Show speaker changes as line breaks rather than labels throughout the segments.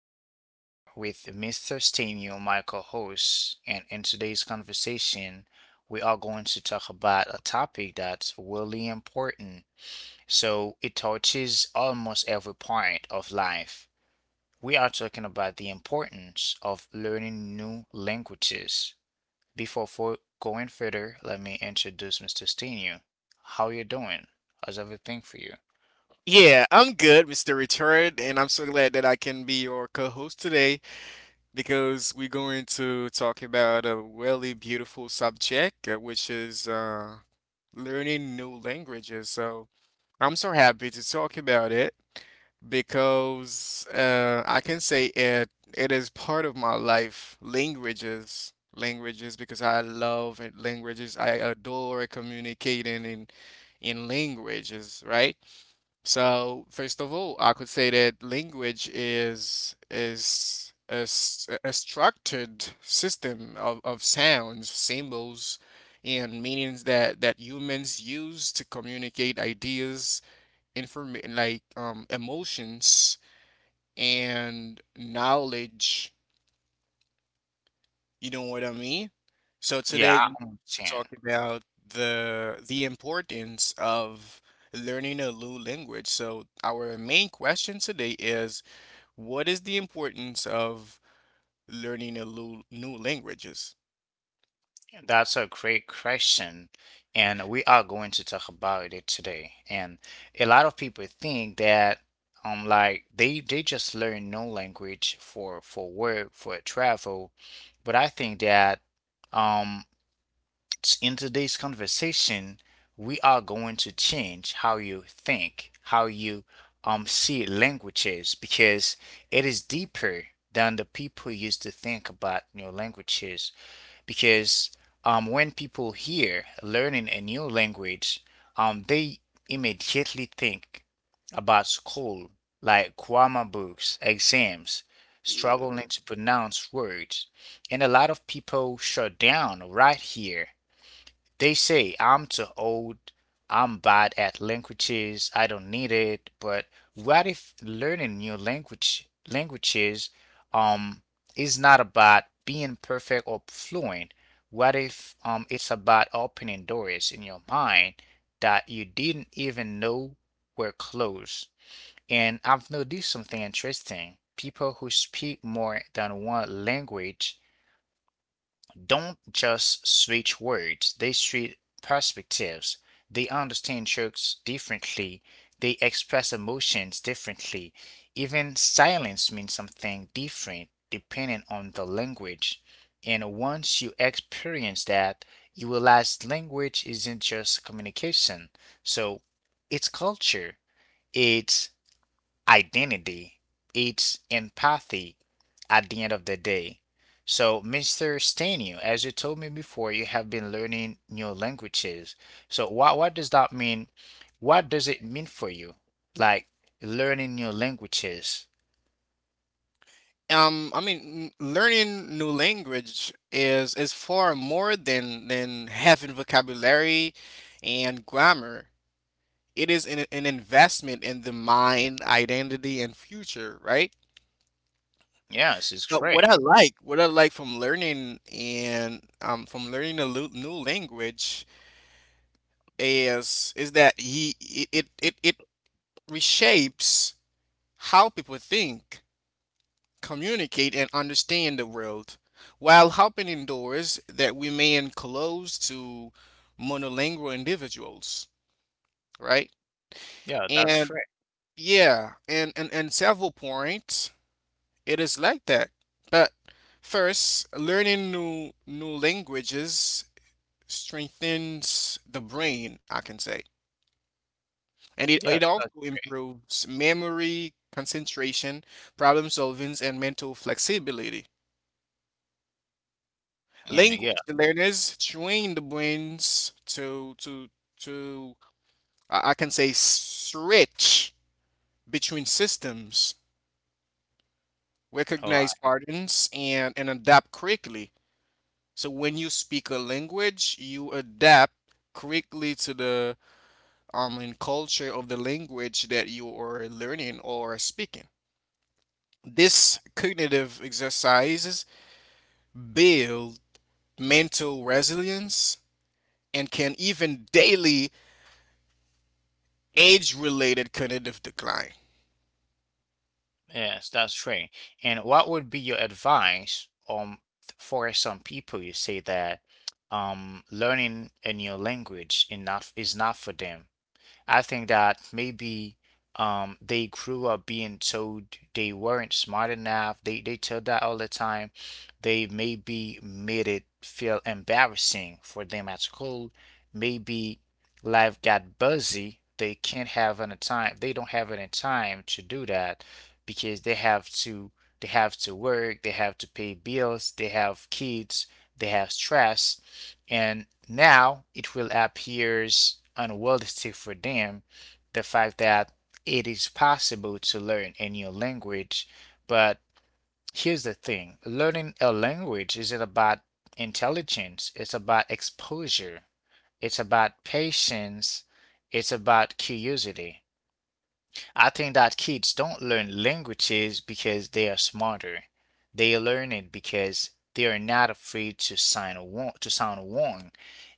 here with Mr. Stemio, my co-host, and in today's conversation, we are going to talk about a topic that's really important. So it touches almost every part of life. We are talking about the importance of learning new languages. Before for going further, let me introduce Mr. Stenu. How you doing? How's everything for you?
Yeah, I'm good, Mr. Richard, and I'm so glad that I can be your co-host today because we're going to talk about a really beautiful subject, which is learning new languages. So I'm so happy to talk about it because I can say it is part of my life. Languages, languages, because I love languages. I adore communicating in languages, right? So first of all, I could say that language is a structured system of sounds, symbols, and meanings that humans use to communicate ideas, inform like emotions and knowledge, you know what I mean? So
Yeah,
today
I
we to
understand.
talk about the importance of learning a new language. So our main question today is what is the importance of learning a new languages?
That's a great question, and we are going to talk about it today. And a lot of people think that like they just learn no language for work for travel, but I think that um in today's conversation, we are going to change how you think, how you see languages, because it is deeper than the people used to think about new languages. Because when people hear learning a new language, they immediately think about school, like grammar books, exams,
Yeah.
struggling to pronounce words. And a lot of people shut down right here. They say I'm too old, I'm bad at languages, I don't need it. But what if learning new language languages um is not about being perfect or fluent? What if it's about opening doors in your mind that you didn't even know were closed? And I've noticed something interesting. People who speak more than one language don't just switch words, they switch perspectives. They understand jokes differently, they express emotions differently. Even silence means something different depending on the language. And once you experience that, you realize language isn't just communication. So it's culture, it's identity, it's empathy at the end of the day. So, Mr. Stanu, as you told me before, you have been learning new languages. So, what does that mean? What does it mean for you? Like learning new languages.
I mean, learning new language is far more than having vocabulary and grammar. It is an investment in the mind, identity, and future, right?
Yes, it's
But
great.
what I like from learning and from learning a new language is that he it reshapes how people think, communicate, and understand the world, while opening doors that remain closed to monolingual individuals, right?
Yeah, that's
And
great.
yeah, and several points, it is like that, but. First, learning new languages strengthens the brain, I can say. And it
Yeah,
also
that's great.
improves memory, concentration, problem solving, and mental flexibility.
Yeah, yeah.
Language learners train the brains to I can say switch between systems,
Oh.
recognize patterns, and adapt quickly. So when you speak a language, you adapt quickly to the and culture of the language that you are learning or speaking. These cognitive exercises build mental resilience and can even daily age related cognitive decline.
Yes, that's true. And what would be your advice for some people you say that learning a new language is not for them? I think that maybe they grew up being told they weren't smart enough. They told that all the time. They maybe made it feel embarrassing for them at school. Maybe life got busy. They can't have any time. They don't have any time to do that because they have to work. They have to pay bills. They have kids. They have stress, and now it will appear unrealistic for them the fact that it is possible to learn a new language. But here's the thing: learning a language isn't about intelligence, it's about exposure, it's about patience, it's about curiosity. I think that kids don't learn languages because they are smarter. They learn it because they are not afraid to to sound wrong.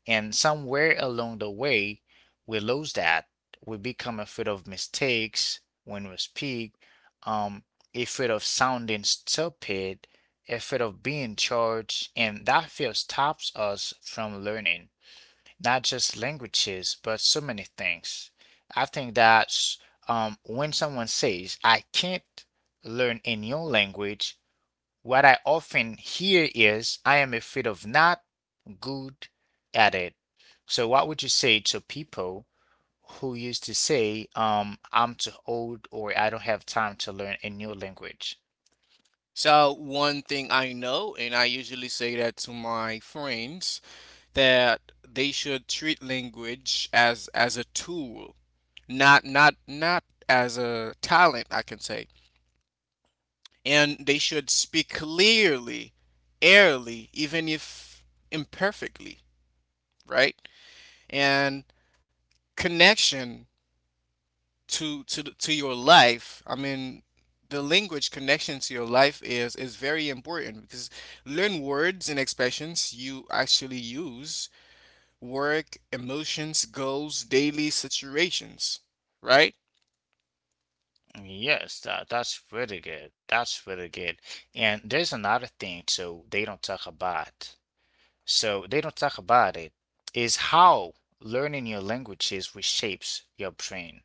And somewhere along the way, we lose that. We become afraid of mistakes when we speak, um, afraid of sounding stupid, afraid of being charged, and that fear stops us from learning not just languages, but so many things. I think that's, when someone says, I can't learn a new language, what I often hear is, I am afraid of not good at it. So, what would you say to people who used to say, I'm too old or I don't have time to learn a new language?
So, one thing I know, and I usually say that to my friends, that they should treat language as a tool, not as a talent, I can say, and they should speak clearly, airily, even if imperfectly, right? And connection to to your life. I mean, the language connection to your life is very important because learn words and expressions you actually use, work, emotions, goals, daily situations, right?
Yes, that, that's really good. That's really good. And there's another thing too, they don't talk about. So they don't talk about it. Is how learning your languages reshapes your brain,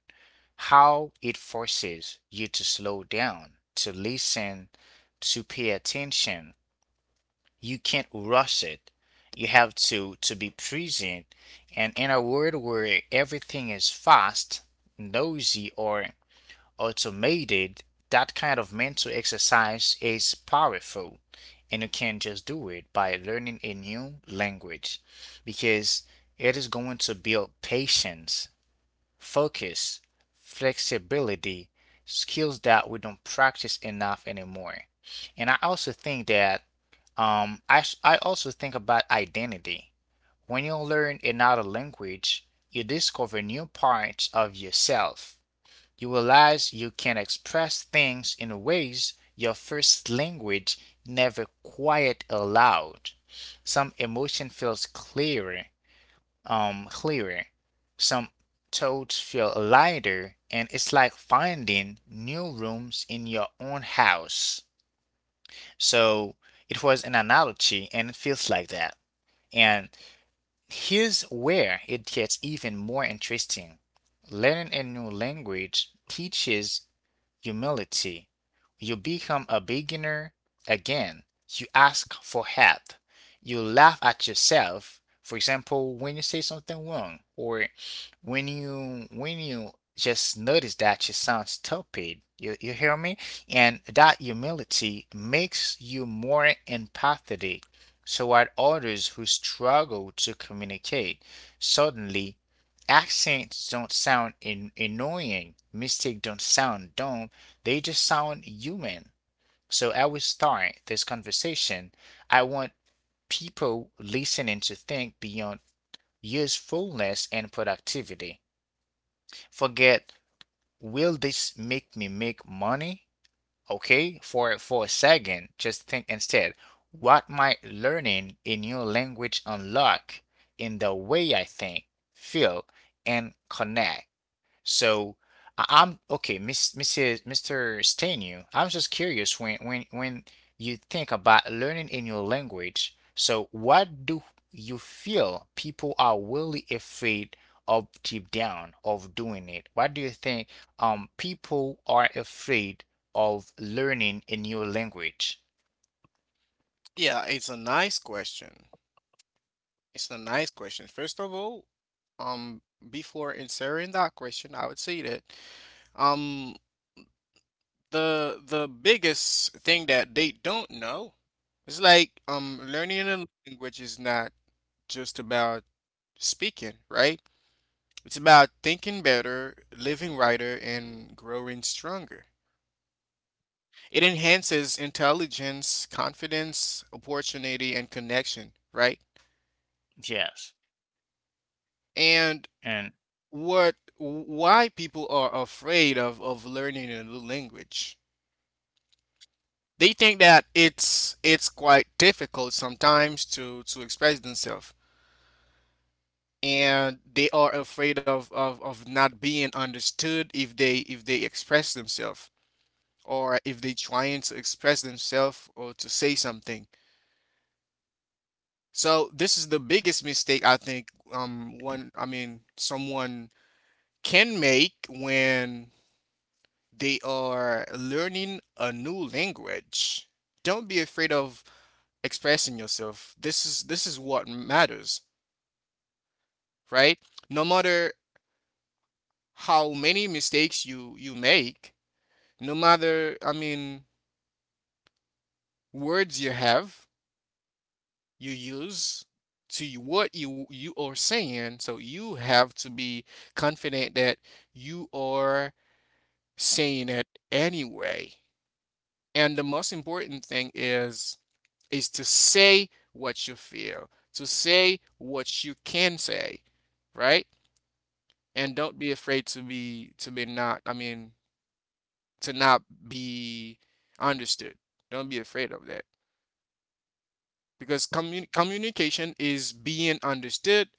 how it forces you to slow down, to listen, to pay attention. You can't rush it. You have to be present. And in a world where everything is fast, noisy, or automated, that kind of mental exercise is powerful. And you can just do it by learning a new language because it is going to build patience, focus, flexibility, skills that we don't practice enough anymore. And I also think that, I also think about identity. When you learn another language, you discover new parts of yourself. You realize you can express things in ways your first language never quite allowed. Some emotion feels clearer, clearer. Some thoughts feel lighter, and it's like finding new rooms in your own house. So it was an analogy, and it feels like that. And here's where it gets even more interesting. Learning a new language teaches humility. You become a beginner again. You ask for help. You laugh at yourself. For example, when you say something wrong or when you just notice that you sound stupid. You hear me? And that humility makes you more empathetic toward others who struggle to communicate. Suddenly, accents don't sound annoying, mistakes don't sound dumb, they just sound human. So I will start this conversation. I want people listening to think beyond usefulness and productivity. Forget, will this make me make money? Okay, for a second, just think instead. What might learning a new language unlock in the way I think, feel, and connect? So I'm okay, Miss, Mrs. Mr. Stenu. I'm just curious when when you think about learning a new language. So what do you feel people are really afraid of deep down of doing it? What do you think people are afraid of learning a new language?
Yeah, it's a nice question. It's a nice question. First of all, um, before answering that question, I would say that um the biggest thing that they don't know is like learning a language is not just about speaking, right? It's about thinking better, living righter, and growing stronger. It enhances intelligence, confidence, opportunity, and connection, right?
Yes,
And
and
what why people are afraid of learning a new language. They think that it's quite difficult sometimes to express themselves, and they are afraid of not being understood if they express themselves or if they trying to express themselves or to say something. So this is the biggest mistake I think one, I mean, someone can make when they are learning a new language. Don't be afraid of expressing yourself. This is what matters, right? No matter how many mistakes you you make, no matter, I mean, words you have, you use to what you are saying, so you have to be confident that you are saying it anyway. And the most important thing is to say what you feel, to say what you can say, right? And don't be afraid to be not, I mean, to not be understood. Don't be afraid of that. Because communication is being understood.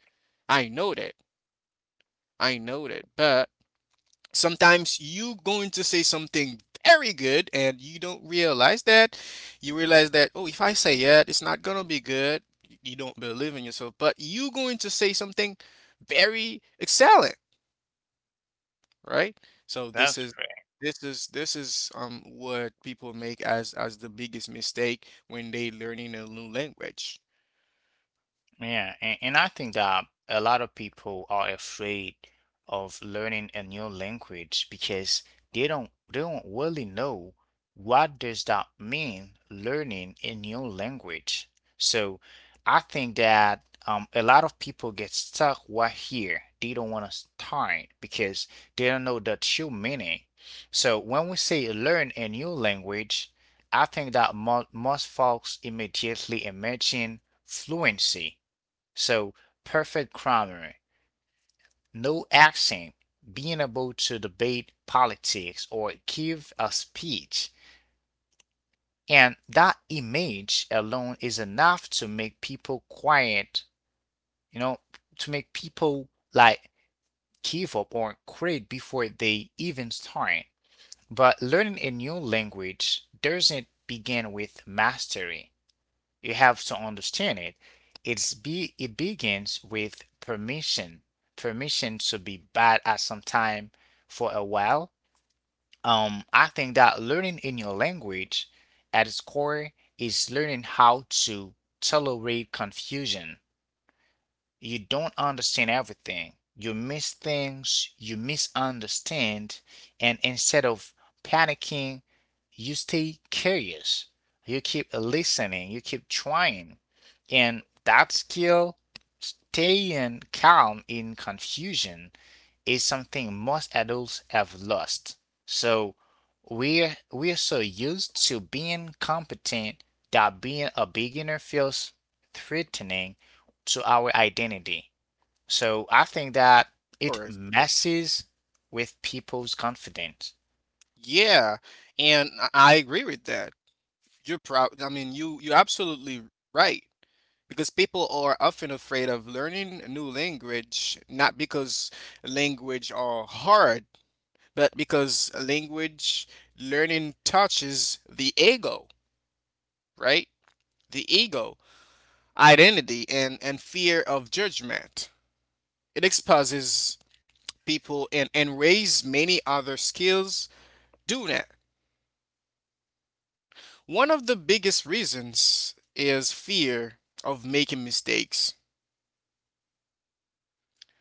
I know that. I know that. But sometimes you going to say something very good and you don't realize that you realize that, oh, if I say it, it's not gonna be good, you don't believe in yourself, but you going to say something very excellent, right? So this
that's.
is this is this is what people make as the biggest mistake when they learning a new language
Yeah, and I think that a lot of people are afraid of learning a new language because they don't really know what does that mean learning a new language. So I think that, a lot of people get stuck right here. They don't want to start because they don't know the true meaning. So when we say learn a new language, I think that mo most folks immediately imagine fluency, so perfect grammar, no accent, being able to debate politics or give a speech. And that image alone is enough to make people quiet, you know, to make people like give up or quit before they even start. But learning a new language doesn't begin with mastery. You have to understand it. It begins with permission. Permission to be bad at some time for a while. I think that learning a new language at its core is learning how to tolerate confusion. You don't understand everything. You miss things, you misunderstand, and instead of panicking, you stay curious. You keep listening, you keep trying. And that skill, staying calm in confusion, is something most adults have lost. So we're so used to being competent that being a beginner feels threatening to our identity. So I think that it
or
messes with people's confidence.
yeah, and I agree with that. You're proud. I mean, you you're absolutely right because people are often afraid of learning a new language, not because language are hard, but because language learning touches the ego, right? The ego, identity, and fear of judgment. It exposes people and raises many other skills. Do that. One of the biggest reasons is fear of making mistakes.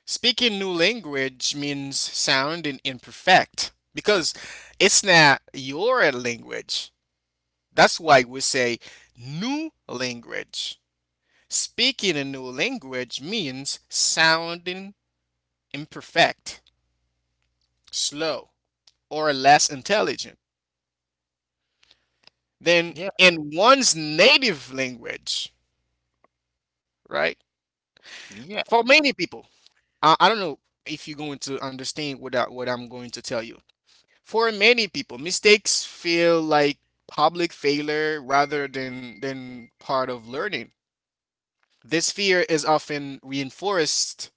Speaking new language means sounding imperfect because it's not your language. That's why we say new language. Speaking a new language means sounding imperfect, slow, or less intelligent than
Yeah,
in one's native language, right?
yeah,
For many people, I don't know if you're going to understand what, what I'm going to tell you. For many people, mistakes feel like public failure rather than part of learning. This fear is often reinforced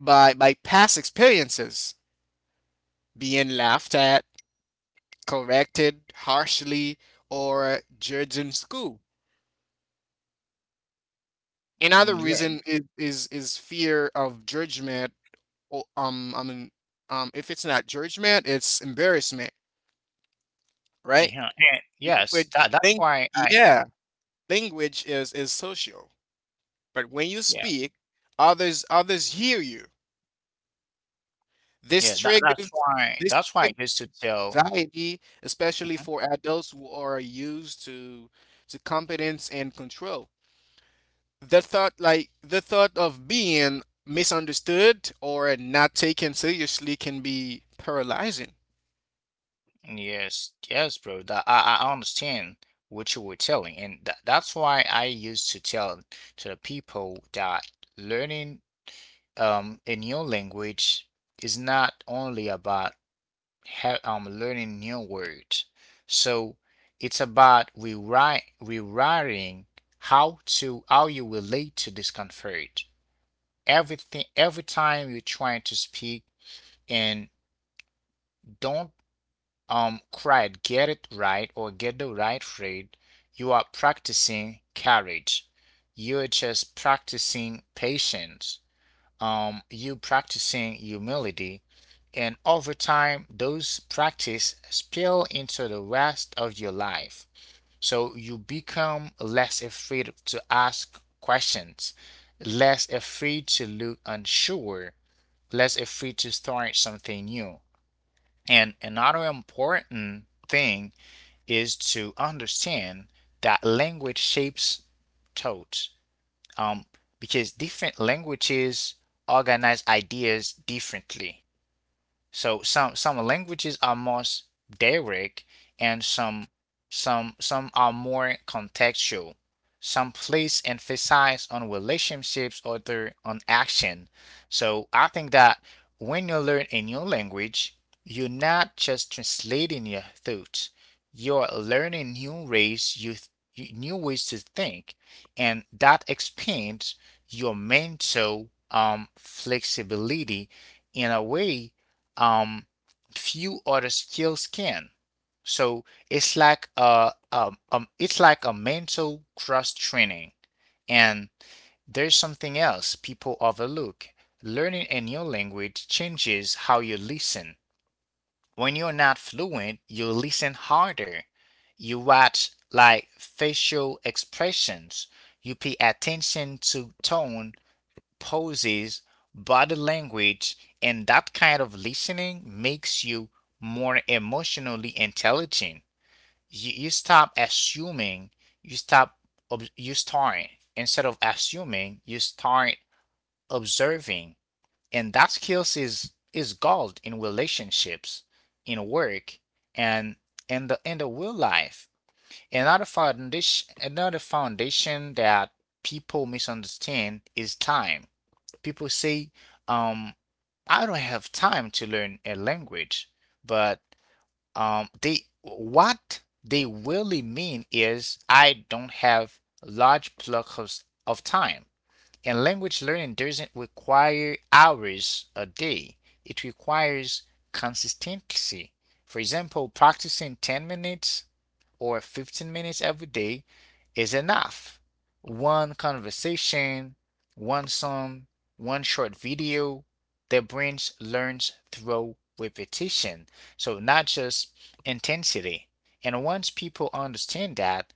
by past experiences, being laughed at, corrected harshly, or judged in school.
mm,
Another
yeah,
reason is fear of judgment. Or, I mean, if it's not judgment, it's embarrassment, right?
uh-huh. And yes,
Language,
that that's
thing,
why I.
yeah, language is social, but when you
Yeah,
speak, others hear you. This
yeah, that
triggers
that's
this
why I
triggers
used to tell.
anxiety, especially for adults who are used to competence and control. The thought, like the thought of being misunderstood or not taken seriously, can be paralyzing.
Yes, yes, bro. That I understand what you were telling, and that's why I used to tell to the people that learning a new language is not only about ha learning new words. So it's about rewrite rewriting how you relate to discomfort. Every time you're trying to speak and don't cried get it right or get the right read, you are practicing courage, you're just practicing patience, you practicing humility, and over time those practice spill into the rest of your life. So you become less afraid to ask questions, less afraid to look unsure, less afraid to start something new. And another important thing is to understand that language shapes thought, um, because different languages organize ideas differently. So some languages are more direct and some are more contextual. Some place emphasize on relationships, other on action. So I think that when you learn a new language, you're not just translating your thoughts. You're learning new ways new ways to think, and that expands your mental flexibility in a way, um, few other skills can. So it's like a mental cross training. And there's something else people overlook. Learning a new language changes how you listen. When you're not fluent, you listen harder. You watch like facial expressions. You pay attention to tone, poses, body language, and that kind of listening makes you more emotionally intelligent. You stop assuming, you stop, ob- you start, instead of assuming, you start observing. And that skills is gold in relationships, in work, and in the real life. Another foundation that people misunderstand is time. People say, um, I don't have time to learn a language, but they what they really mean is I don't have large blocks of time. And language learning doesn't require hours a day, it requires consistency. For example, practicing 10 minutes or 15 minutes every day is enough. One conversation, one song, one short video, the brain learns through repetition, so not just intensity. And once people understand that,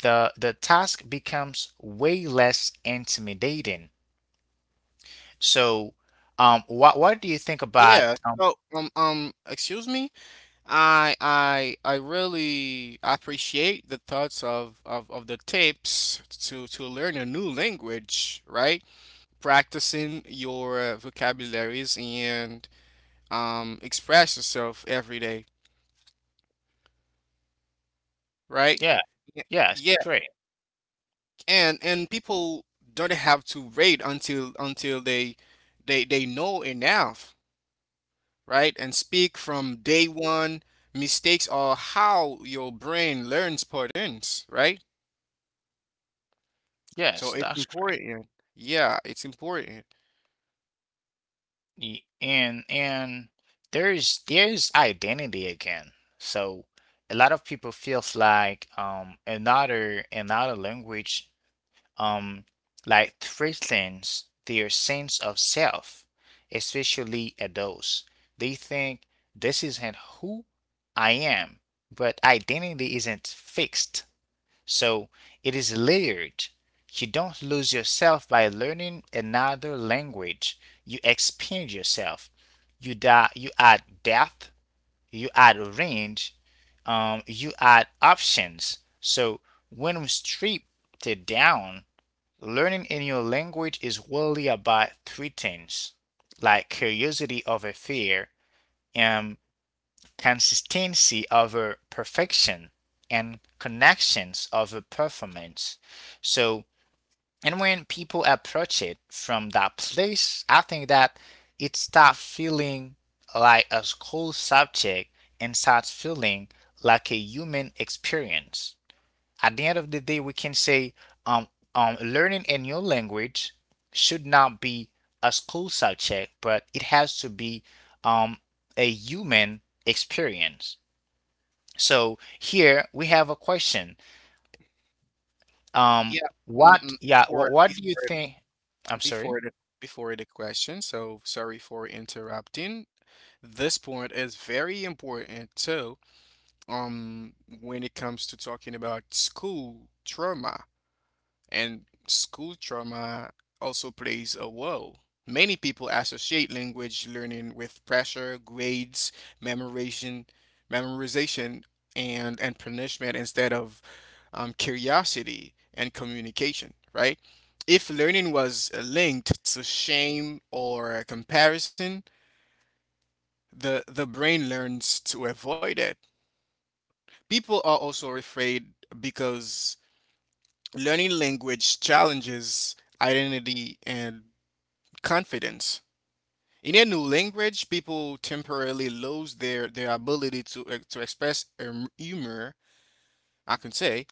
the task becomes way less intimidating. So, what do you think about?
Yeah. So excuse me. I really appreciate the thoughts of the tips to learn a new language, right? Practicing your vocabularies and express yourself every day, right?
Yeah,
Yeah,
yes,
yeah,
great.
and people don't have to wait until they know enough, right? And speak from day one. Mistakes are how your brain learns patterns, right? So
Yes,
it's
that's great.
important. Yeah, it's important.
And there's identity again. So a lot of people feels like another language, um, like threatens their sense of self, especially adults. They think this isn't who I am, but identity isn't fixed, so it is layered. You don't lose yourself by learning another language. You expand yourself. You die, you add depth, you add range, you add options. So when we strip it down, learning a new language is really about three things like curiosity over fear and consistency over perfection and connections over performance. So, and when people approach it from that place, I think that it starts feeling like a school subject and starts feeling like a human experience. At the end of the day, we can say um, learning a new language should not be a school subject, but it has to be um, a human experience. So here we have a question.
Yeah,
What?
mm-mm.
Yeah. What,
Or
what do you
before
think? I'm sorry.
before the before the question. So sorry for interrupting. This point is very important too, um, when it comes to talking about school trauma, and school trauma also plays a role. Many people associate language learning with pressure, grades, memorization, memorization, and punishment instead of curiosity and communication, right? If learning was linked to shame or comparison, the brain learns to avoid it. People are also afraid because learning language challenges identity and confidence. In a new language, people temporarily lose their ability to to express humor, I can say,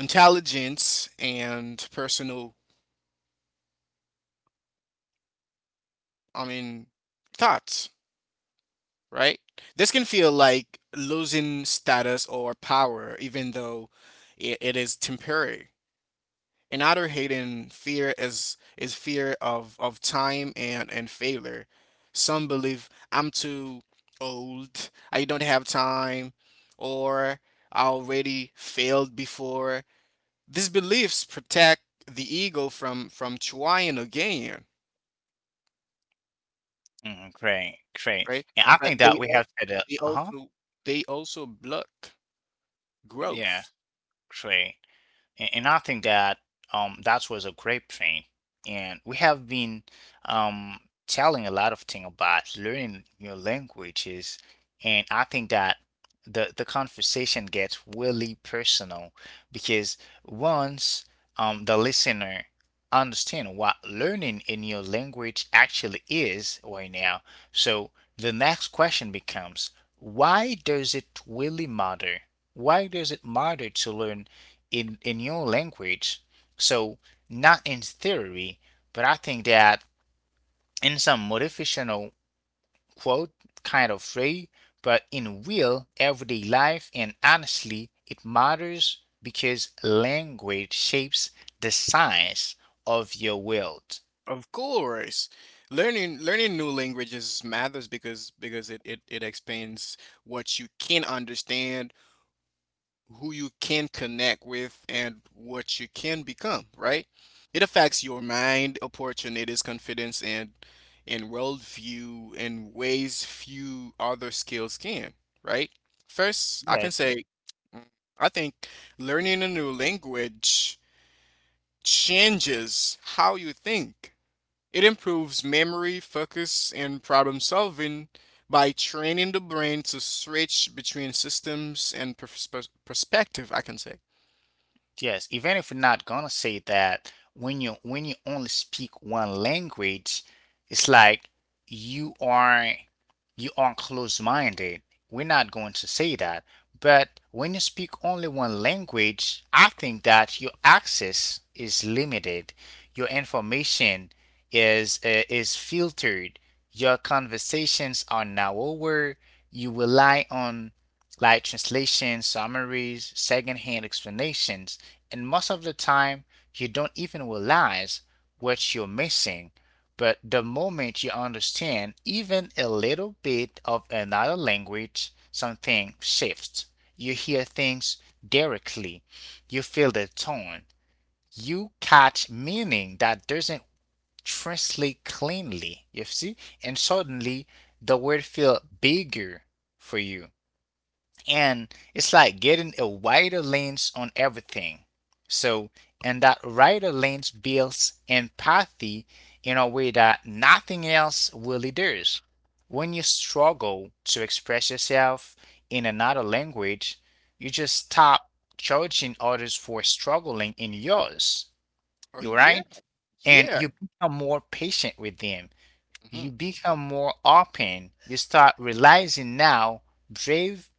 intelligence and personal, I mean, thoughts, right? This can feel like losing status or power even though it is temporary. Another hidden fear is fear of time and failure. Some believe I'm too old, I don't have time, or I already failed before. These beliefs protect the ego from trying again,
Mm, great,
right?
great. And I
But
think that we have said uh
they
huh.
also they also block
Yeah,
growth.
great. And I think that that was a great point. And we have been um, telling a lot of things about learning your languages. And I think that the conversation gets really personal because once the listener understand what learning in your language actually is right now, so the next question becomes, why does it really matter? Why does it matter to learn in your language. So not in theory, but I think that in some motivational quote kind of way, but in real everyday life and honestly it matters because language shapes the science of your world.
Of course. Learning new languages matters because it expands what you can understand, who you can connect with, and what you can become, right? It affects your mind, opportunities, confidence, and worldview in ways few other skills can, right? First, I can
Yes.
say, mm, I think learning a new language changes how you think. It improves memory, focus, and problem solving by training the brain to switch between systems and perspective, I can say.
Yes, even if we're not gonna say that, when you only speak one language, it's like you are you are closed-minded. We're not going to say that. But when you speak only one language, I think that your access is limited. Your information is filtered. Your conversations are narrower. You rely on like translations, summaries, secondhand explanations. And most of the time, you don't even realize what you're missing. But the moment you understand even a little bit of another language, something shifts. You hear things directly, you feel the tone, you catch meaning that doesn't translate cleanly, you see? And suddenly, the word feels bigger for you and it's like getting a wider lens on everything. So, and that wider lens builds empathy in a way that nothing else really does. When you struggle to express yourself in another language, you just stop judging others for struggling in yours.
Oh,
You
yeah,
right? And
yeah.
you become more patient with them.
Mhm.
You become more open. You start realizing now brave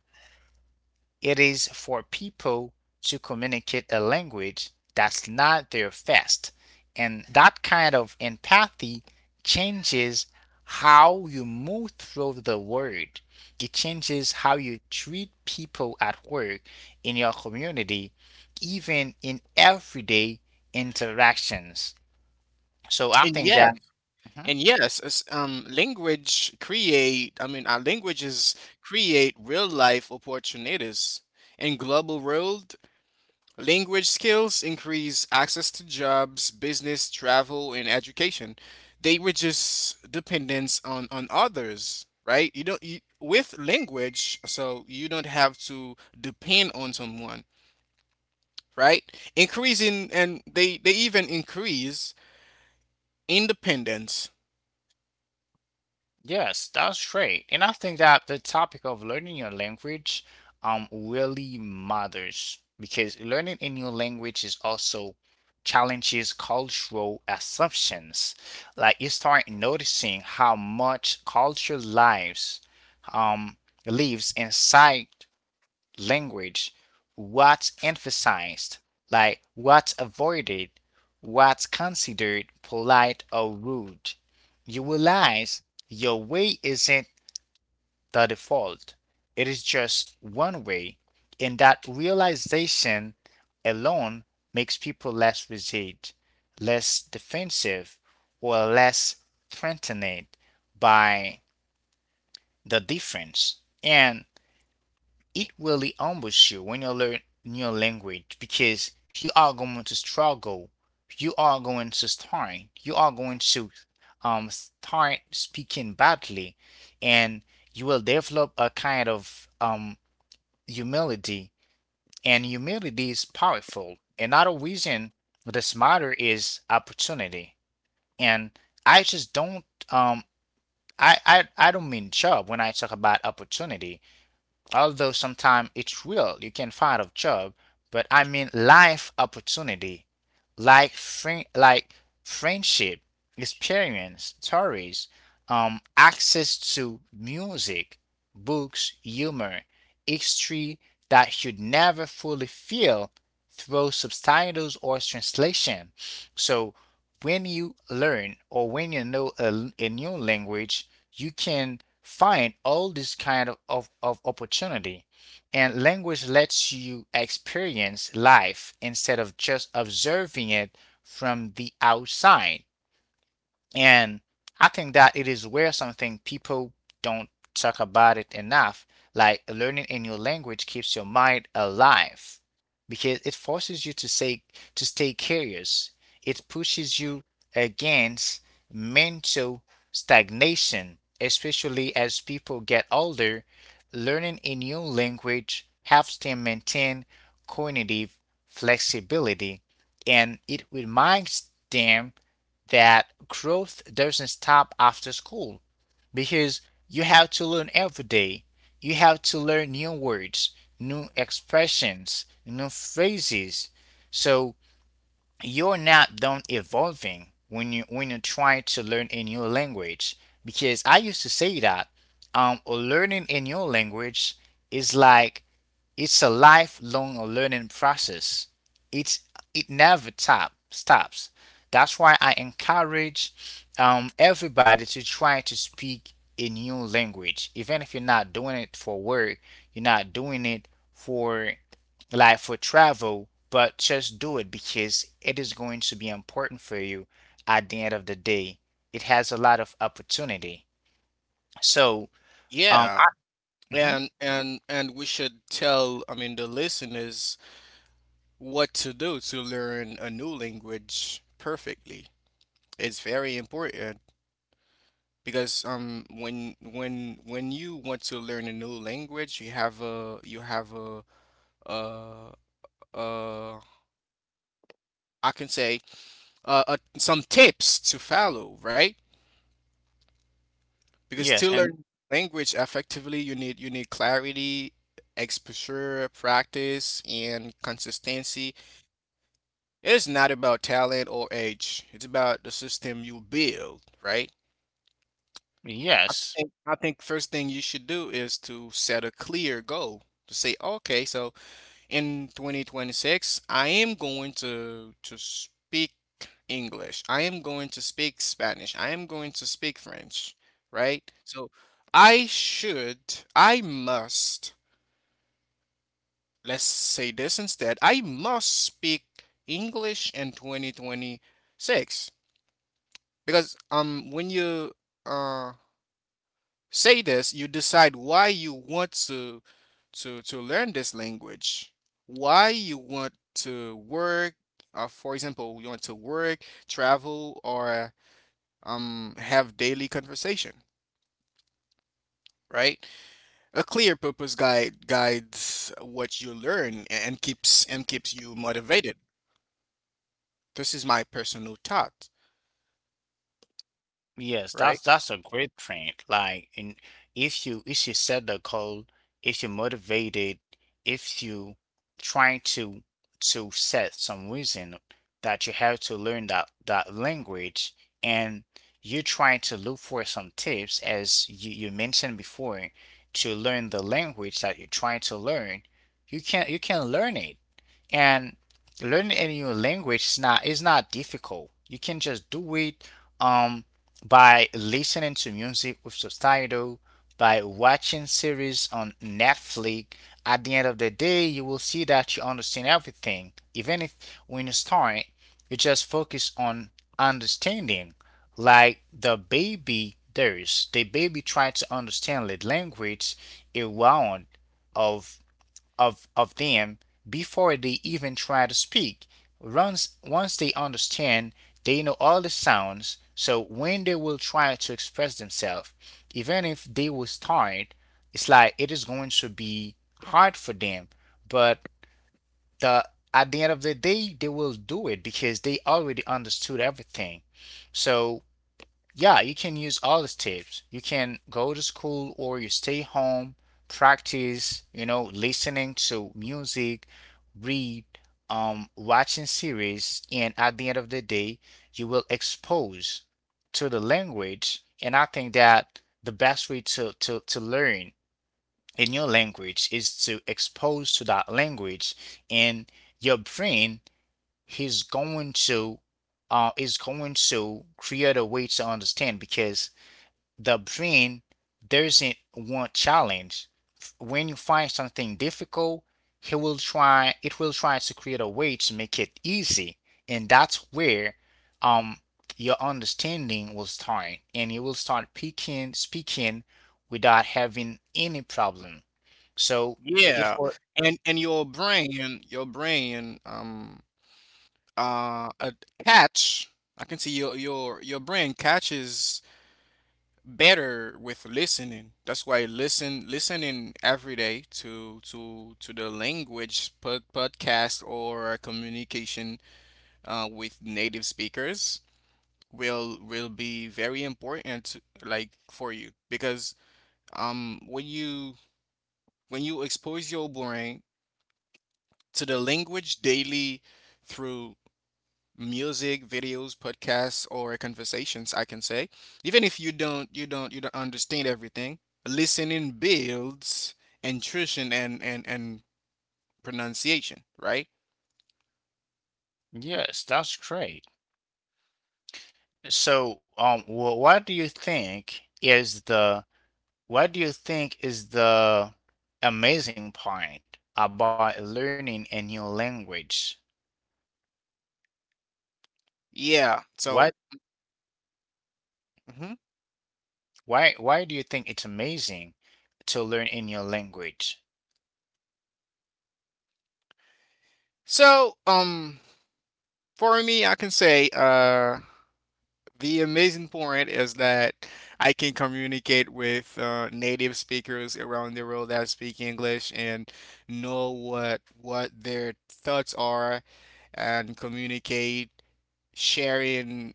it is for people to communicate a language that's not their first. And that kind of empathy changes how you move through the world. It changes how you treat people at work, in your community, even in everyday interactions. So I
And
think
yeah,
that. Mhm.
and yes, as, language create, I mean, our languages create real life opportunities. In global world, language skills increase access to jobs, business, travel, and education. They reduce dependence on others, right? You don't you, with language, so you don't have to depend on someone, right? Increasing, and they even increase independence.
Yes, that's great. And I think that the topic of learning your language really matters because learning a new language is also challenges cultural assumptions. Like you start noticing how much culture lives um lives inside language, what's emphasized, like what's avoided, what's considered polite or rude. You realize your way isn't the default, it is just one way, and that realization alone makes people less rigid, less defensive, or less threatened by the difference. And it will ambush you when you learn new language because you are going to struggle. You are going to start. You are going to start speaking badly, and you will develop a kind of humility. And humility is powerful. Another reason this matter is opportunity. And I just don't um I don't mean job when I talk about opportunity. Although sometimes it's real, you can find a job, but I mean life opportunity, like friend, like friendship, experience, stories, access to music, books, humor, history that you never fully feel through subtitles or translation. So when you learn or when you know a new language, you can find all this kind of opportunity. And language lets you experience life instead of just observing it from the outside. And I think that it is where something people don't talk about it enough. Like learning a new language keeps your mind alive because it forces you to stay curious. It pushes you against mental stagnation, especially as people get older. Learning a new language helps them maintain cognitive flexibility and it reminds them that growth doesn't stop after school because you have to learn every day. You have to learn new words, new expressions, new phrases. So you're not done evolving when you try to learn a new language. Because I used to say that learning a new language is like it's a lifelong learning process. It it never stops. That's why I encourage everybody to try to speak a new language. Even if you're not doing it for work, you're not doing it for like for travel, but just do it because it is going to be important for you at the end of the day. It has a lot of opportunity. So, um,
Yeah.
I, mhm.
And and we should tell, I mean, the listeners what to do to learn a new language perfectly. It's very important because when you want to learn a new language, you have a uh uh I can say some tips to follow, right? Because
Yes,
to
and
learn language effectively, you need clarity, exposure, practice and consistency. It's not about talent or age, it's about the system you build, right?
yes,
I think first thing you should do is to set a clear goal, to say okay, so in 2026, I am going to speak English. I am going to speak Spanish. I am going to speak French, right? So I should, I must, let's say this instead. I must speak English in 2026 because when you uh say this, you decide why you want to learn this language, why you want to work, for example, you want to work, travel, or have daily conversation, right? A clear purpose guide guides what you learn and keeps you motivated. This is my personal thought,
yes,
right?
that's a great trend. Like, and if you set the goal, if you're motivated, if you trying to set some reason that you have to learn that language, and you trying to look for some tips as you mentioned before to learn the language that you're trying to learn, you can learn it. And learning a new language is not difficult. You can just do it um by listening to music with subtitle, by watching series on Netflix. At the end of the day, you will see that you understand everything. Even if when you start, you just focus on understanding. Like the baby tried to understand the language around of of them before they even try to speak. Once they understand, they know all the sounds, so when they will try to express themselves, even if they will start, it's like it is going to be hard for them. But the at the end of the day, they will do it because they already understood everything. So yeah, you can use all these tips. You can go to school or you stay home, practice, you know, listening to music, read, watching series, and at the end of the day, you will expose to the language. And I think that the best way to learn in your language is to expose to that language and your brain is going to is going to create a way to understand because the brain doesn't want challenge. When you find something difficult, he will try. It will try to create a way to make it easy, and that's where um your understanding will start, and you will start picking speaking without having any problem. So it
Yeah.
will.
And your brain, a catch I can see your brain catches better with listening. That's why listening every day to the podcast or communication with native speakers will be very important like for you. Because um when you when you expose your brain to the language daily through music, videos, podcasts, or conversations, I can say. Even if you don't understand everything, listening builds intrusion and pronunciation, right?
Yes, that's great. So What do you think is the amazing part about learning a new language?
Yeah. So,
What,
mhm.
why do you think it's amazing to learn a new language?
So, for me, I can say, the amazing point is that I can communicate with native speakers around the world that speak English, and know what their thoughts are, and communicate, sharing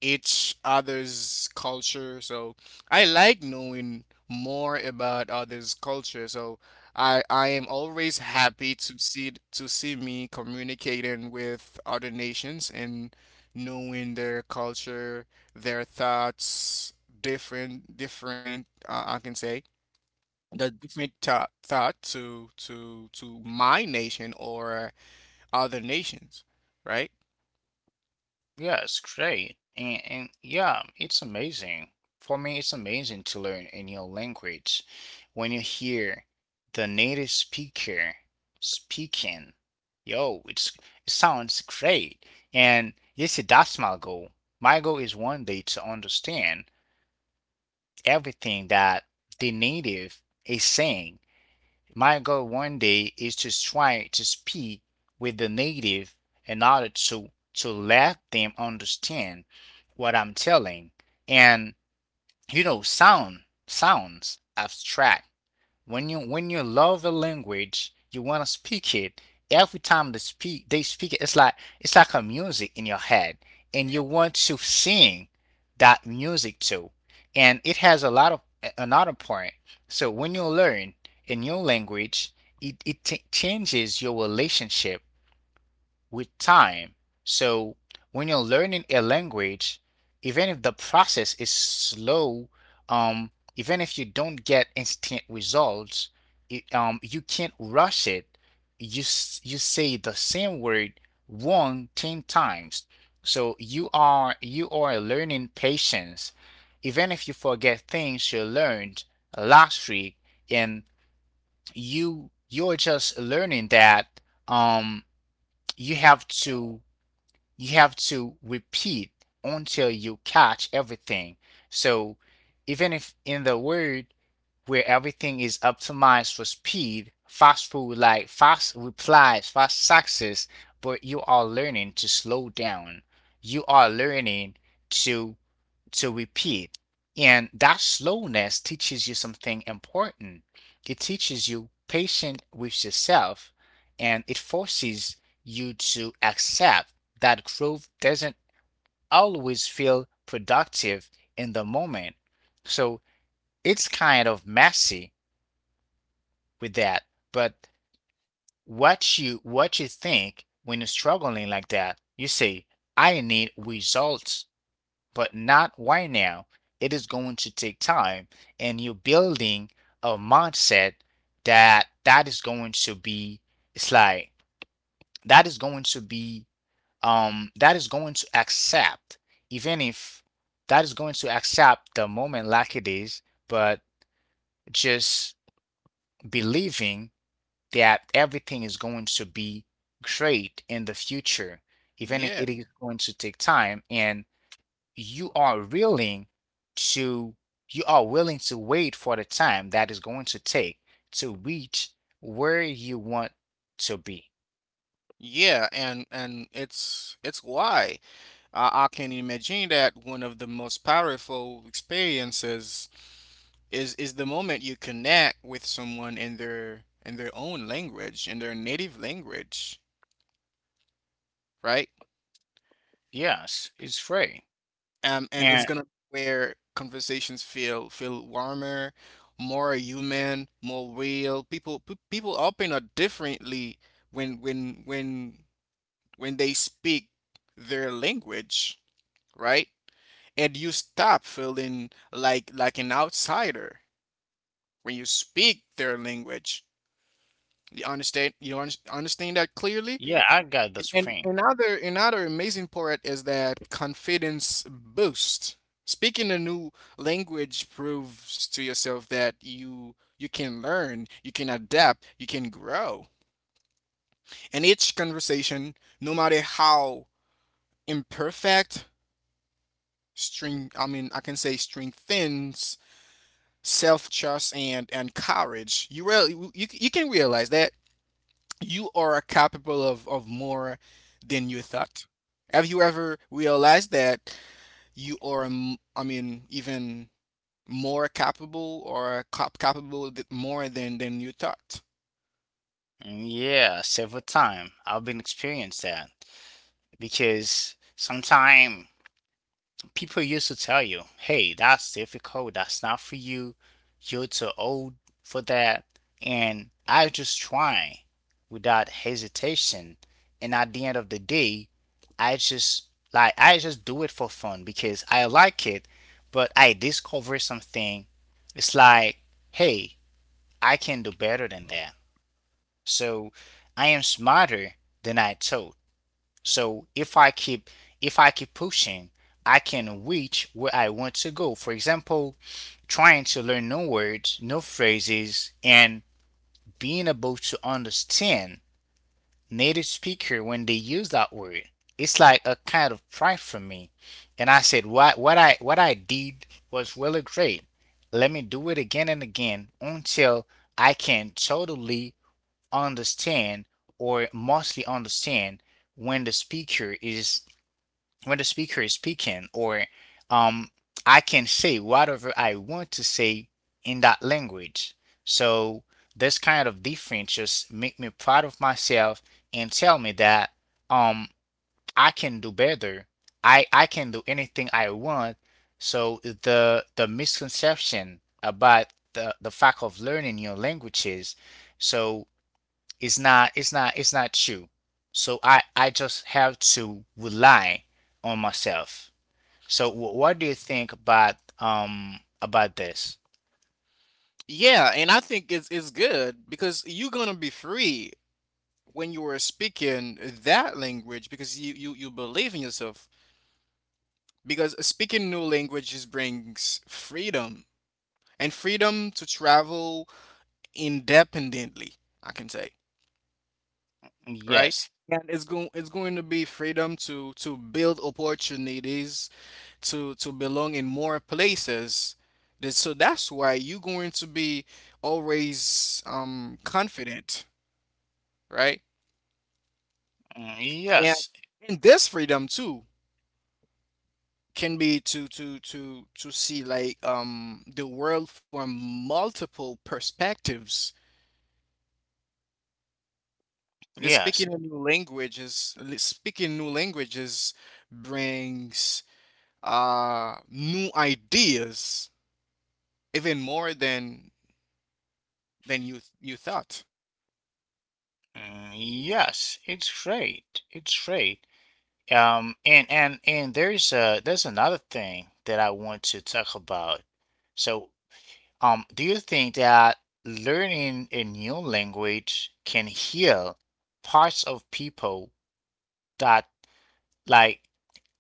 each other's culture. So I like knowing more about others' culture. So I am always happy to see me communicating with other nations and knowing their culture, their thoughts, different, I can say, the different thought thought to my nation or other nations, right?
Yes, great. And yeah, it's amazing. For me, it's amazing to learn a new language. When you hear the native speaker speaking, yo, it's, it sounds great. And you see, that's my goal. My goal is one day to understand everything that the native is saying. My goal one day is to try to speak with the native in order to let them understand what I'm telling. And you know, sounds abstract, when you love a language, you want to speak it. Every time they speak it, it's like a music in your head, and you want to sing that music too. And it has a lot of another point. So when you learn a new language, it changes your relationship with time. So when you're learning a language, even if the process is slow, um, even if you don't get instant results, you can't rush it. You you say the same word one ten times. So you are learning patience. Even if you forget things you learned last week, and you're just learning that um you have to you have to repeat until you catch everything. So even if in the word where everything is optimized for speed, fast food like fast replies, fast success, but you are learning to slow down. You are learning to to repeat. And that slowness teaches you something important. It teaches you patience with yourself, and it forces you to accept that growth doesn't always feel productive in the moment. So it's kind of messy with that. But what you think when you're struggling like that, you say, I need results, but not right now. It is going to take time, and you're building a mindset that is going to be, it's like that is going to be, that is going to accept, even if, that is going to accept the moment like it is, but just believing that everything is going to be great in the future, even if
Yeah.
it is going to take time, and you are willing to you are willing to wait for the time that is going to take to reach where you want to be.
Yeah, and it's why I can imagine that one of the most powerful experiences is the moment you connect with someone in their own language, in their native language, right?
Yes, it's free.
And it's
And
gonna be where conversations feel warmer, more human, more real. People open up differently when when when when they speak their language, right? And you stop feeling like an outsider when you speak their language. You understand? Understand that clearly.
yeah, I got the
And
spring.
another amazing part is that confidence boost. Speaking a new language proves to yourself that you can learn, you can adapt, you can grow. And each conversation, no matter how imperfect, string I mean I can say strengthens self-trust and courage. You really, you can realize that you are capable of more than you thought. Have you ever realized that you are m- I mean even more capable, or capable, more than you thought?
Yeah, several time I've been experienced that, because sometime people used to tell you, hey, that's difficult, that's not for you, you're too old for that. And I just try without hesitation. And at the end of the day, I just do it for fun because I like it, but I discover something. It's like, hey, I can do better than that. So I am smarter than I thought. So if I keep pushing, I can reach where I want to go. For example, trying to learn new words, new phrases, and being able to understand native speaker when they use that word. It's like a kind of pride for me. And I said, what I did was really great. Let me do it again and again until I can totally understand, or mostly understand, when the speaker is when the speaker is speaking, or um, I can say whatever I want to say in that language. So this kind of difference just make me proud of myself and tell me that, um, I can do better. I can do anything I want. So the misconception about the fact of learning new languages, so it's not true. So I just have to rely on myself. So what do you think about this?
Yeah, and I think it's good because you're gonna be free when you are speaking that language, because you believe in yourself, because speaking new languages brings freedom, and freedom to travel independently, I can say, right?
Yes.
And it's going to be freedom to build opportunities, to belong in more places. So that's why you're going to be always, um, confident, right?
Mm,
And
yes.
and this freedom too can be to see like the world from multiple perspectives. Because
Yes.
speaking new languages brings new ideas, even more than than you you thought.
Mm, yes. It's great. It's great. And there's another thing that I want to talk about. So do you think that learning a new language can heal parts of people that, like,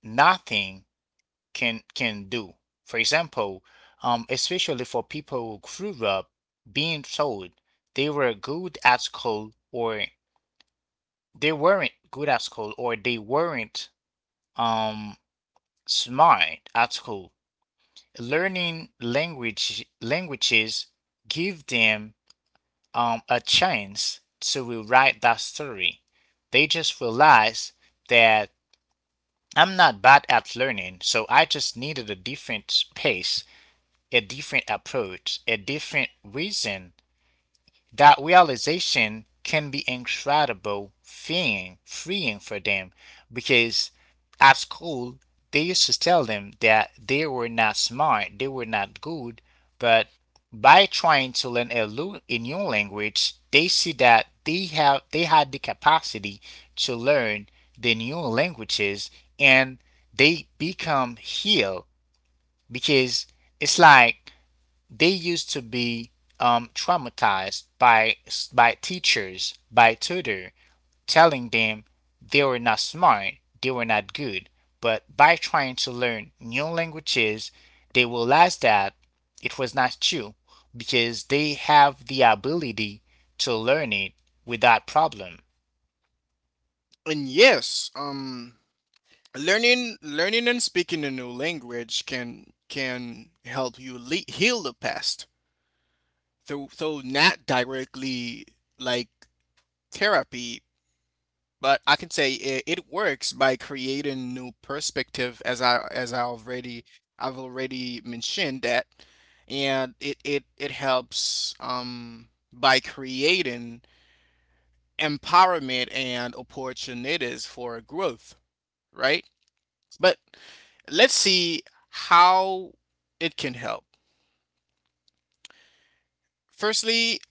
nothing can do? For example, especially for people who grew up being told they were good at school, or they weren't good at school, or they weren't um smart at school. Learning language languages give them a chance to rewrite that story. They just realize that, I'm not bad at learning, so I just needed a different pace, a different approach, a different reason. That realization can be incredible freeing, freeing for them, because at school they used to tell them that they were not smart, they were not good, but by trying to learn a new language, they see that they had the capacity to learn the new languages, and they become healed, because it's like they used to be traumatized by teachers, by tutor, telling them they were not smart, they were not good. But by trying to learn new languages, they realize that it was not true, because they have the ability to learn it without problem.
And yes, um, learning and speaking a new language can help you heal the past. Though not directly like therapy, but I can say it, it works by creating new perspective, as I've already mentioned that, and it helps, um, by creating empowerment and opportunities for growth, right? But let's see how it can help. Firstly,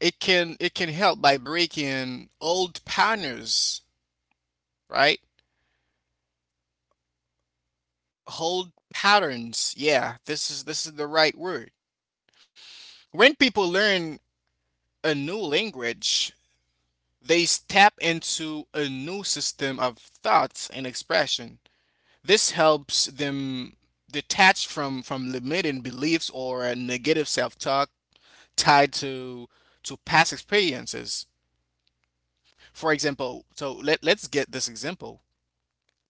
it can help by breaking old patterns, right? Hold patterns. Yeah, this is the right word. When people learn a new language, they step into a new system of thoughts and expression. This helps them detach from limiting beliefs or a negative self-talk tied to past experiences. For example, so let's get this example.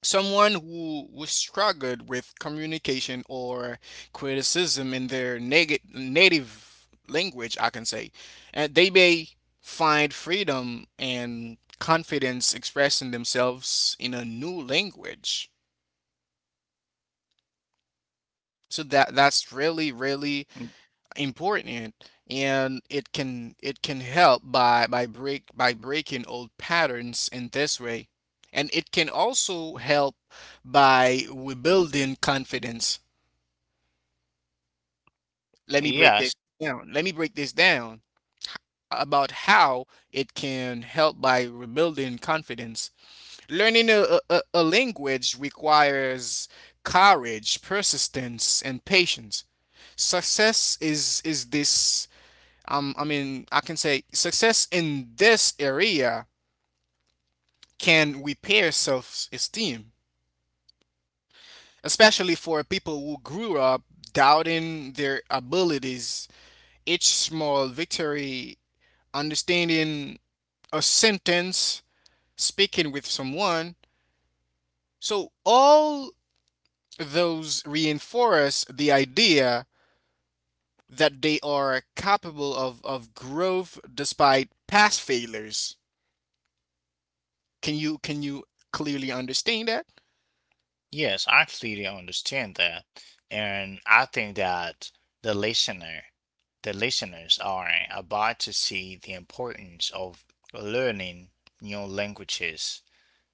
Someone who struggled with communication or criticism in their native language, I can say, and they may find freedom and confidence expressing themselves in a new language. So that's really, really important, and it can help by breaking old patterns in this way. And it can also help by rebuilding confidence. Let me break
Yes.
this down. Let me break this down about how it can help by rebuilding confidence. Learning a language requires courage, persistence, and patience. Success is this I mean I can say success in this area can repair self-esteem, especially for people who grew up doubting their abilities. Each small victory, understanding a sentence, speaking with someone. So all those reinforce the idea that they are capable of growth despite past failures. Can you clearly understand that?
Yes, I clearly understand that. And I think that the listener, the listeners are about to see the importance of learning new languages.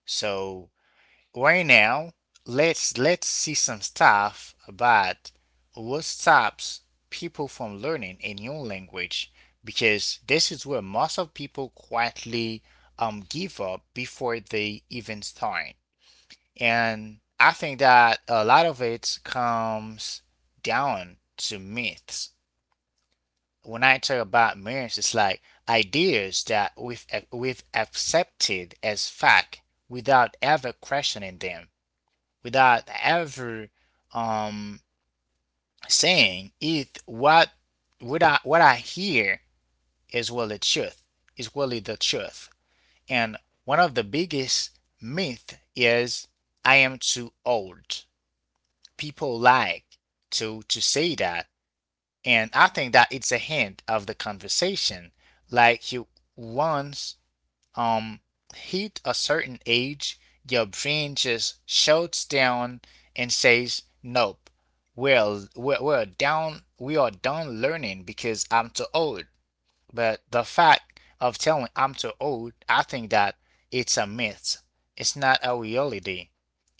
So right now, let's see some stuff about what stops people from learning a new language, because this is where most of people quietly give up before they even start. And I think that a lot of it comes down to myths. When I talk about myths, it's like ideas that we've accepted as fact without ever questioning them, without ever um saying if what I hear is really the truth, is really the truth. And one of the biggest myth is, I am too old. People like to say that, and I think that it's a hint of the conversation, like you, once, um hit a certain age, your brain just shuts down and says, nope, well we are done learning because I'm too old. But the fact of telling I'm too old, I think that it's a myth. It's not a reality.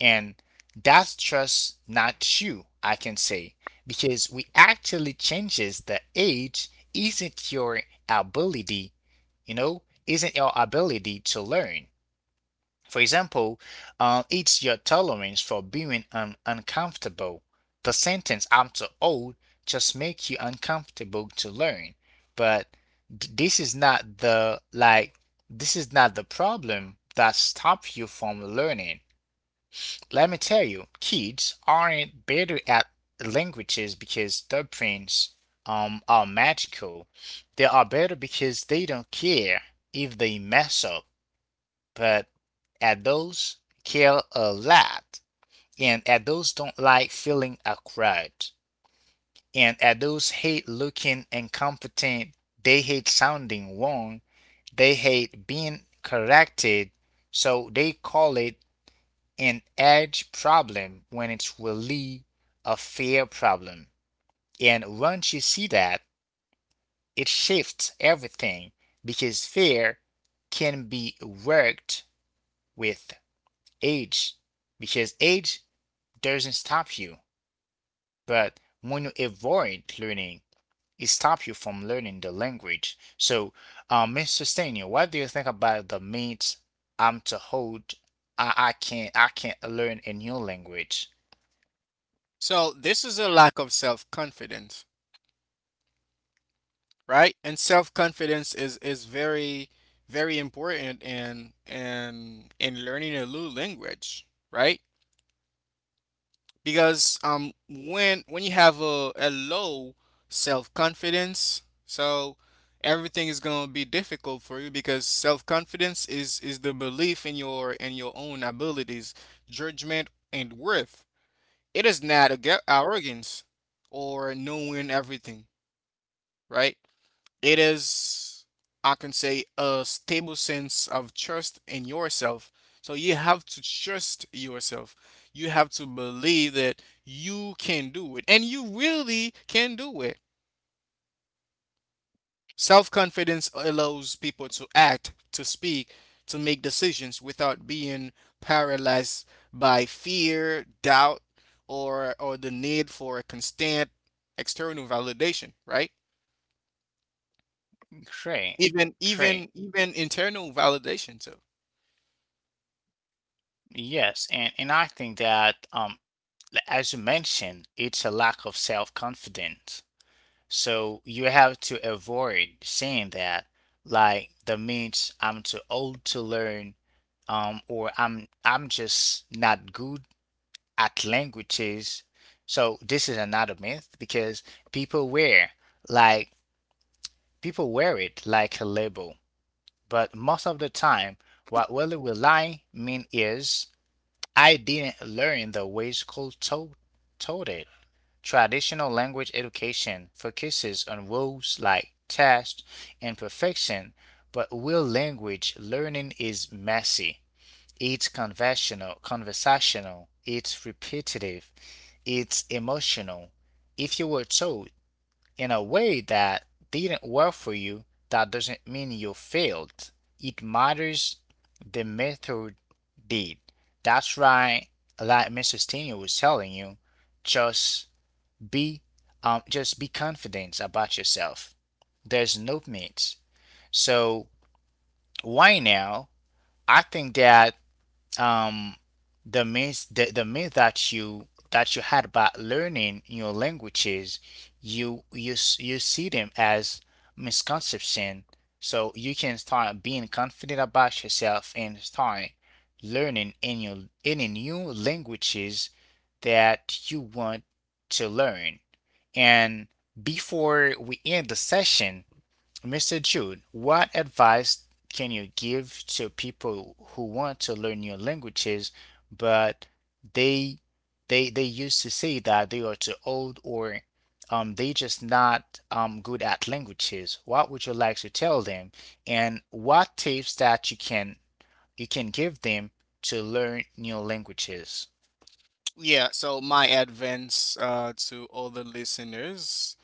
And that's just not true, I can say, because we actually changes the age isn't your ability, you know, isn't your ability to learn. For example, it's your tolerance for being uncomfortable. The sentence I'm too old just makes you uncomfortable to learn. But this is not the like this is not the problem that stops you from learning. Let me tell you, kids aren't better at languages because their brains are magical. They are better because they don't care if they mess up, but adults care a lot, and adults don't like feeling awkward, and adults hate looking incompetent, they hate sounding wrong, they hate being corrected, so they call it an age problem when it's really a fear problem. And once you see that, it shifts everything, because fear can be worked with. Age, because age doesn't stop you, but when you avoid learning, it stops you from learning the language. So, Mr. Stanier, what do you think about the myths I'm to hold? I can't I can't learn a new language.
So this is a lack of self-confidence, right? And self-confidence is very very important in learning a new language, right? Because when you have a low self-confidence, so everything is going to be difficult for you, because self-confidence is the belief in your own abilities, judgment and worth. It is not a arrogance or knowing everything, right? It is, I can say, a stable sense of trust in yourself. So you have to trust yourself. You have to believe that you can do it, and you really can do it. Self confidence allows people to act, to speak, to make decisions without being paralyzed by fear, doubt, or the need for a constant external validation, right?
Great, great.
Even internal validation too.
Yes, and I think that as you mentioned, it's a lack of self-confidence. So you have to avoid saying that, like that means I'm too old to learn, or I'm just not good at languages. So this is another myth because people wear like people wear it like a label, but most of the time, what really will lie mean is, I didn't learn the ways called told it. Traditional language education focuses on rules like test and perfection, but real language learning is messy. It's conventional, conversational, it's repetitive, it's emotional. If you were taught in a way that didn't work for you, that doesn't mean you failed. It matters the method did. That's right, like Mrs. Tina was telling you, just be just be confident about yourself. There's no limits. So why now? I think that um, the myth that you had about learning your languages, you you see them as misconception, so you can start being confident about yourself and start learning in your any new languages that you want to learn. And before we end the session, Mr. Jude, what advice can you give to people who want to learn new languages, but they they used to say that they are too old or they just not good at languages? What would you like to tell them? And what tips that you can give them to learn new languages?
Yeah, so my advice, to all the listeners,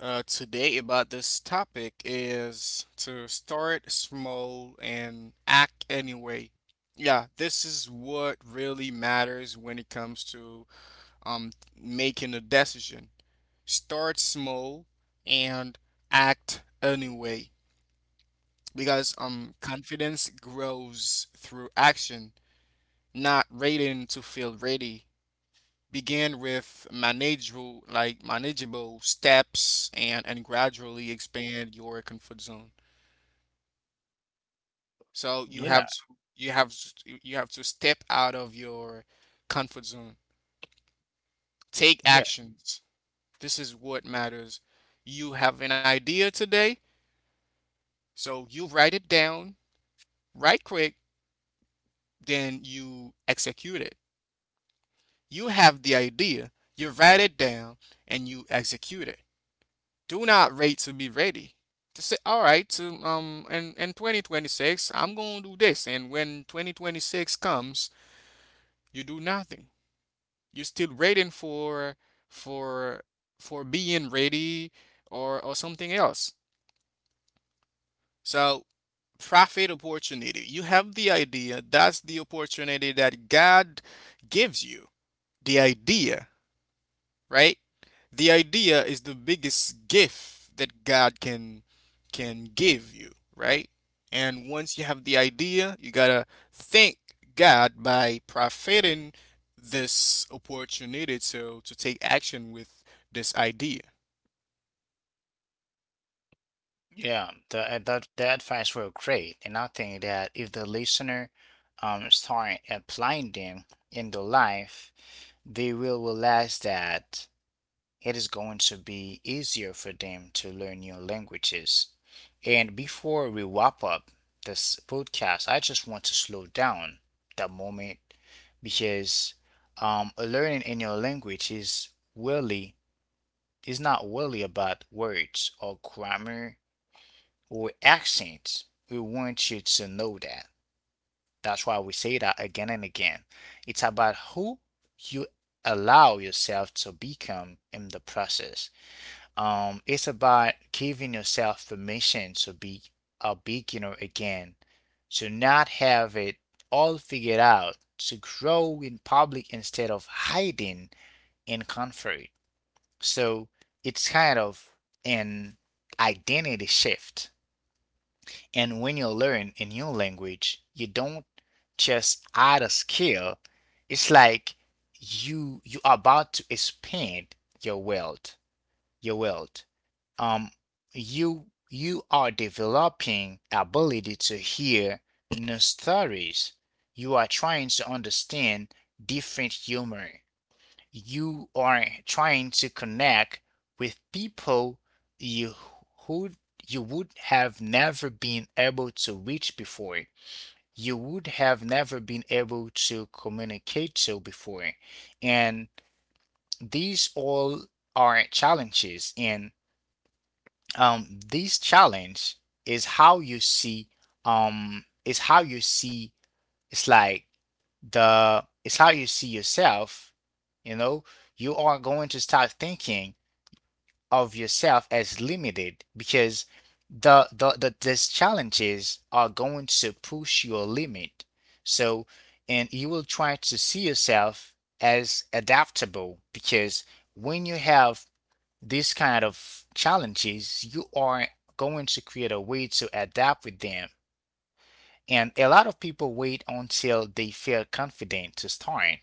today about this topic is to start small and act anyway. Yeah, this is what really matters when it comes to, um, making a decision. Start small and act anyway, because, confidence grows through action, not waiting to feel ready. Begin with manageable, like manageable steps, and gradually expand your comfort zone. So you have
Yeah,
to, you have to step out of your comfort zone. Take
yeah.
actions. This is what matters. You have an idea today, so you write it down, right quick, then you execute it. You have the idea, you write it down, and you execute it. Do not wait to be ready. To say, all right, to, in 2026, I'm going to do this. And when 2026 comes, you do nothing. You're still waiting for, for being ready, or something else. So profit opportunity. You have the idea. That's the opportunity that God gives you. The idea. Right? The idea is the biggest gift that God can give you, right? And once you have the idea, you gotta thank God by profiting this opportunity to take action with this idea.
Yeah, the, that the advice were great, and I think that if the listener start applying them in their life, they will realize that it is going to be easier for them to learn new languages. And before we wrap up this podcast, I just want to slow down that moment, because learning a new language is really, is not really about words or grammar or accent. We want you to know that. That's why we say that again and again. It's about who you allow yourself to become in the process. It's about giving yourself permission to be a beginner again, to not have it all figured out, to grow in public instead of hiding in comfort. So it's kind of an identity shift. And when you learn a new language, you don't just add a skill. It's like you are about to expand your world, your world. Um, you are developing ability to hear new stories. You are trying to understand different humor, you are trying to connect with people, you who you would have never been able to reach before. You would have never been able to communicate to before. And these all are challenges. And this challenge is how you see um is how you see it's like the it's how you see yourself, you know, you are going to start thinking of yourself as limited, because these challenges are going to push your limit. So, and you will try to see yourself as adaptable, because when you have these kind of challenges, you are going to create a way to adapt with them. And a lot of people wait until they feel confident to start,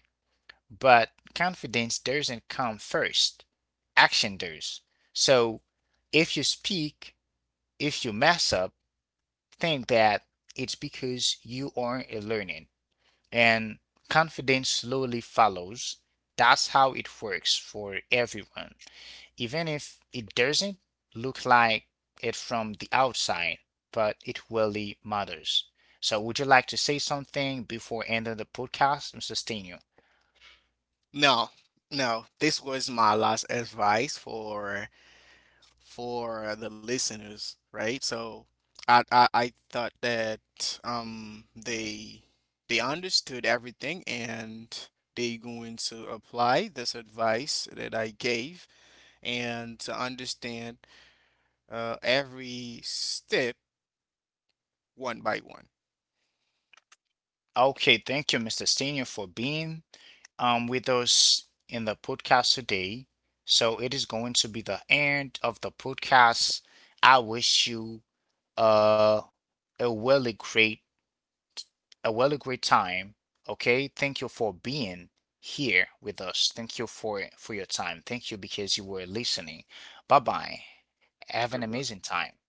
but confidence doesn't come first. Action does. So if you speak, if you mess up, think that it's because you aren't learning. And confidence slowly follows. That's how it works for everyone, even if it doesn't look like it from the outside, but it really matters. So, would you like to say something before ending the podcast, Mr. Stenu?
No, no, this was my last advice for the listeners, right? So I thought that, um, they understood everything, and they going to apply this advice that I gave, and to understand, every step one by one.
Okay, thank you, Mr. Senior, for being with us in the podcast today. So it is going to be the end of the podcast. I wish you uh, a really great, a really great time. Okay, thank you for being here with us. Thank you for your time. Thank you because you were listening. Bye bye. Have an
Good.
amazing time.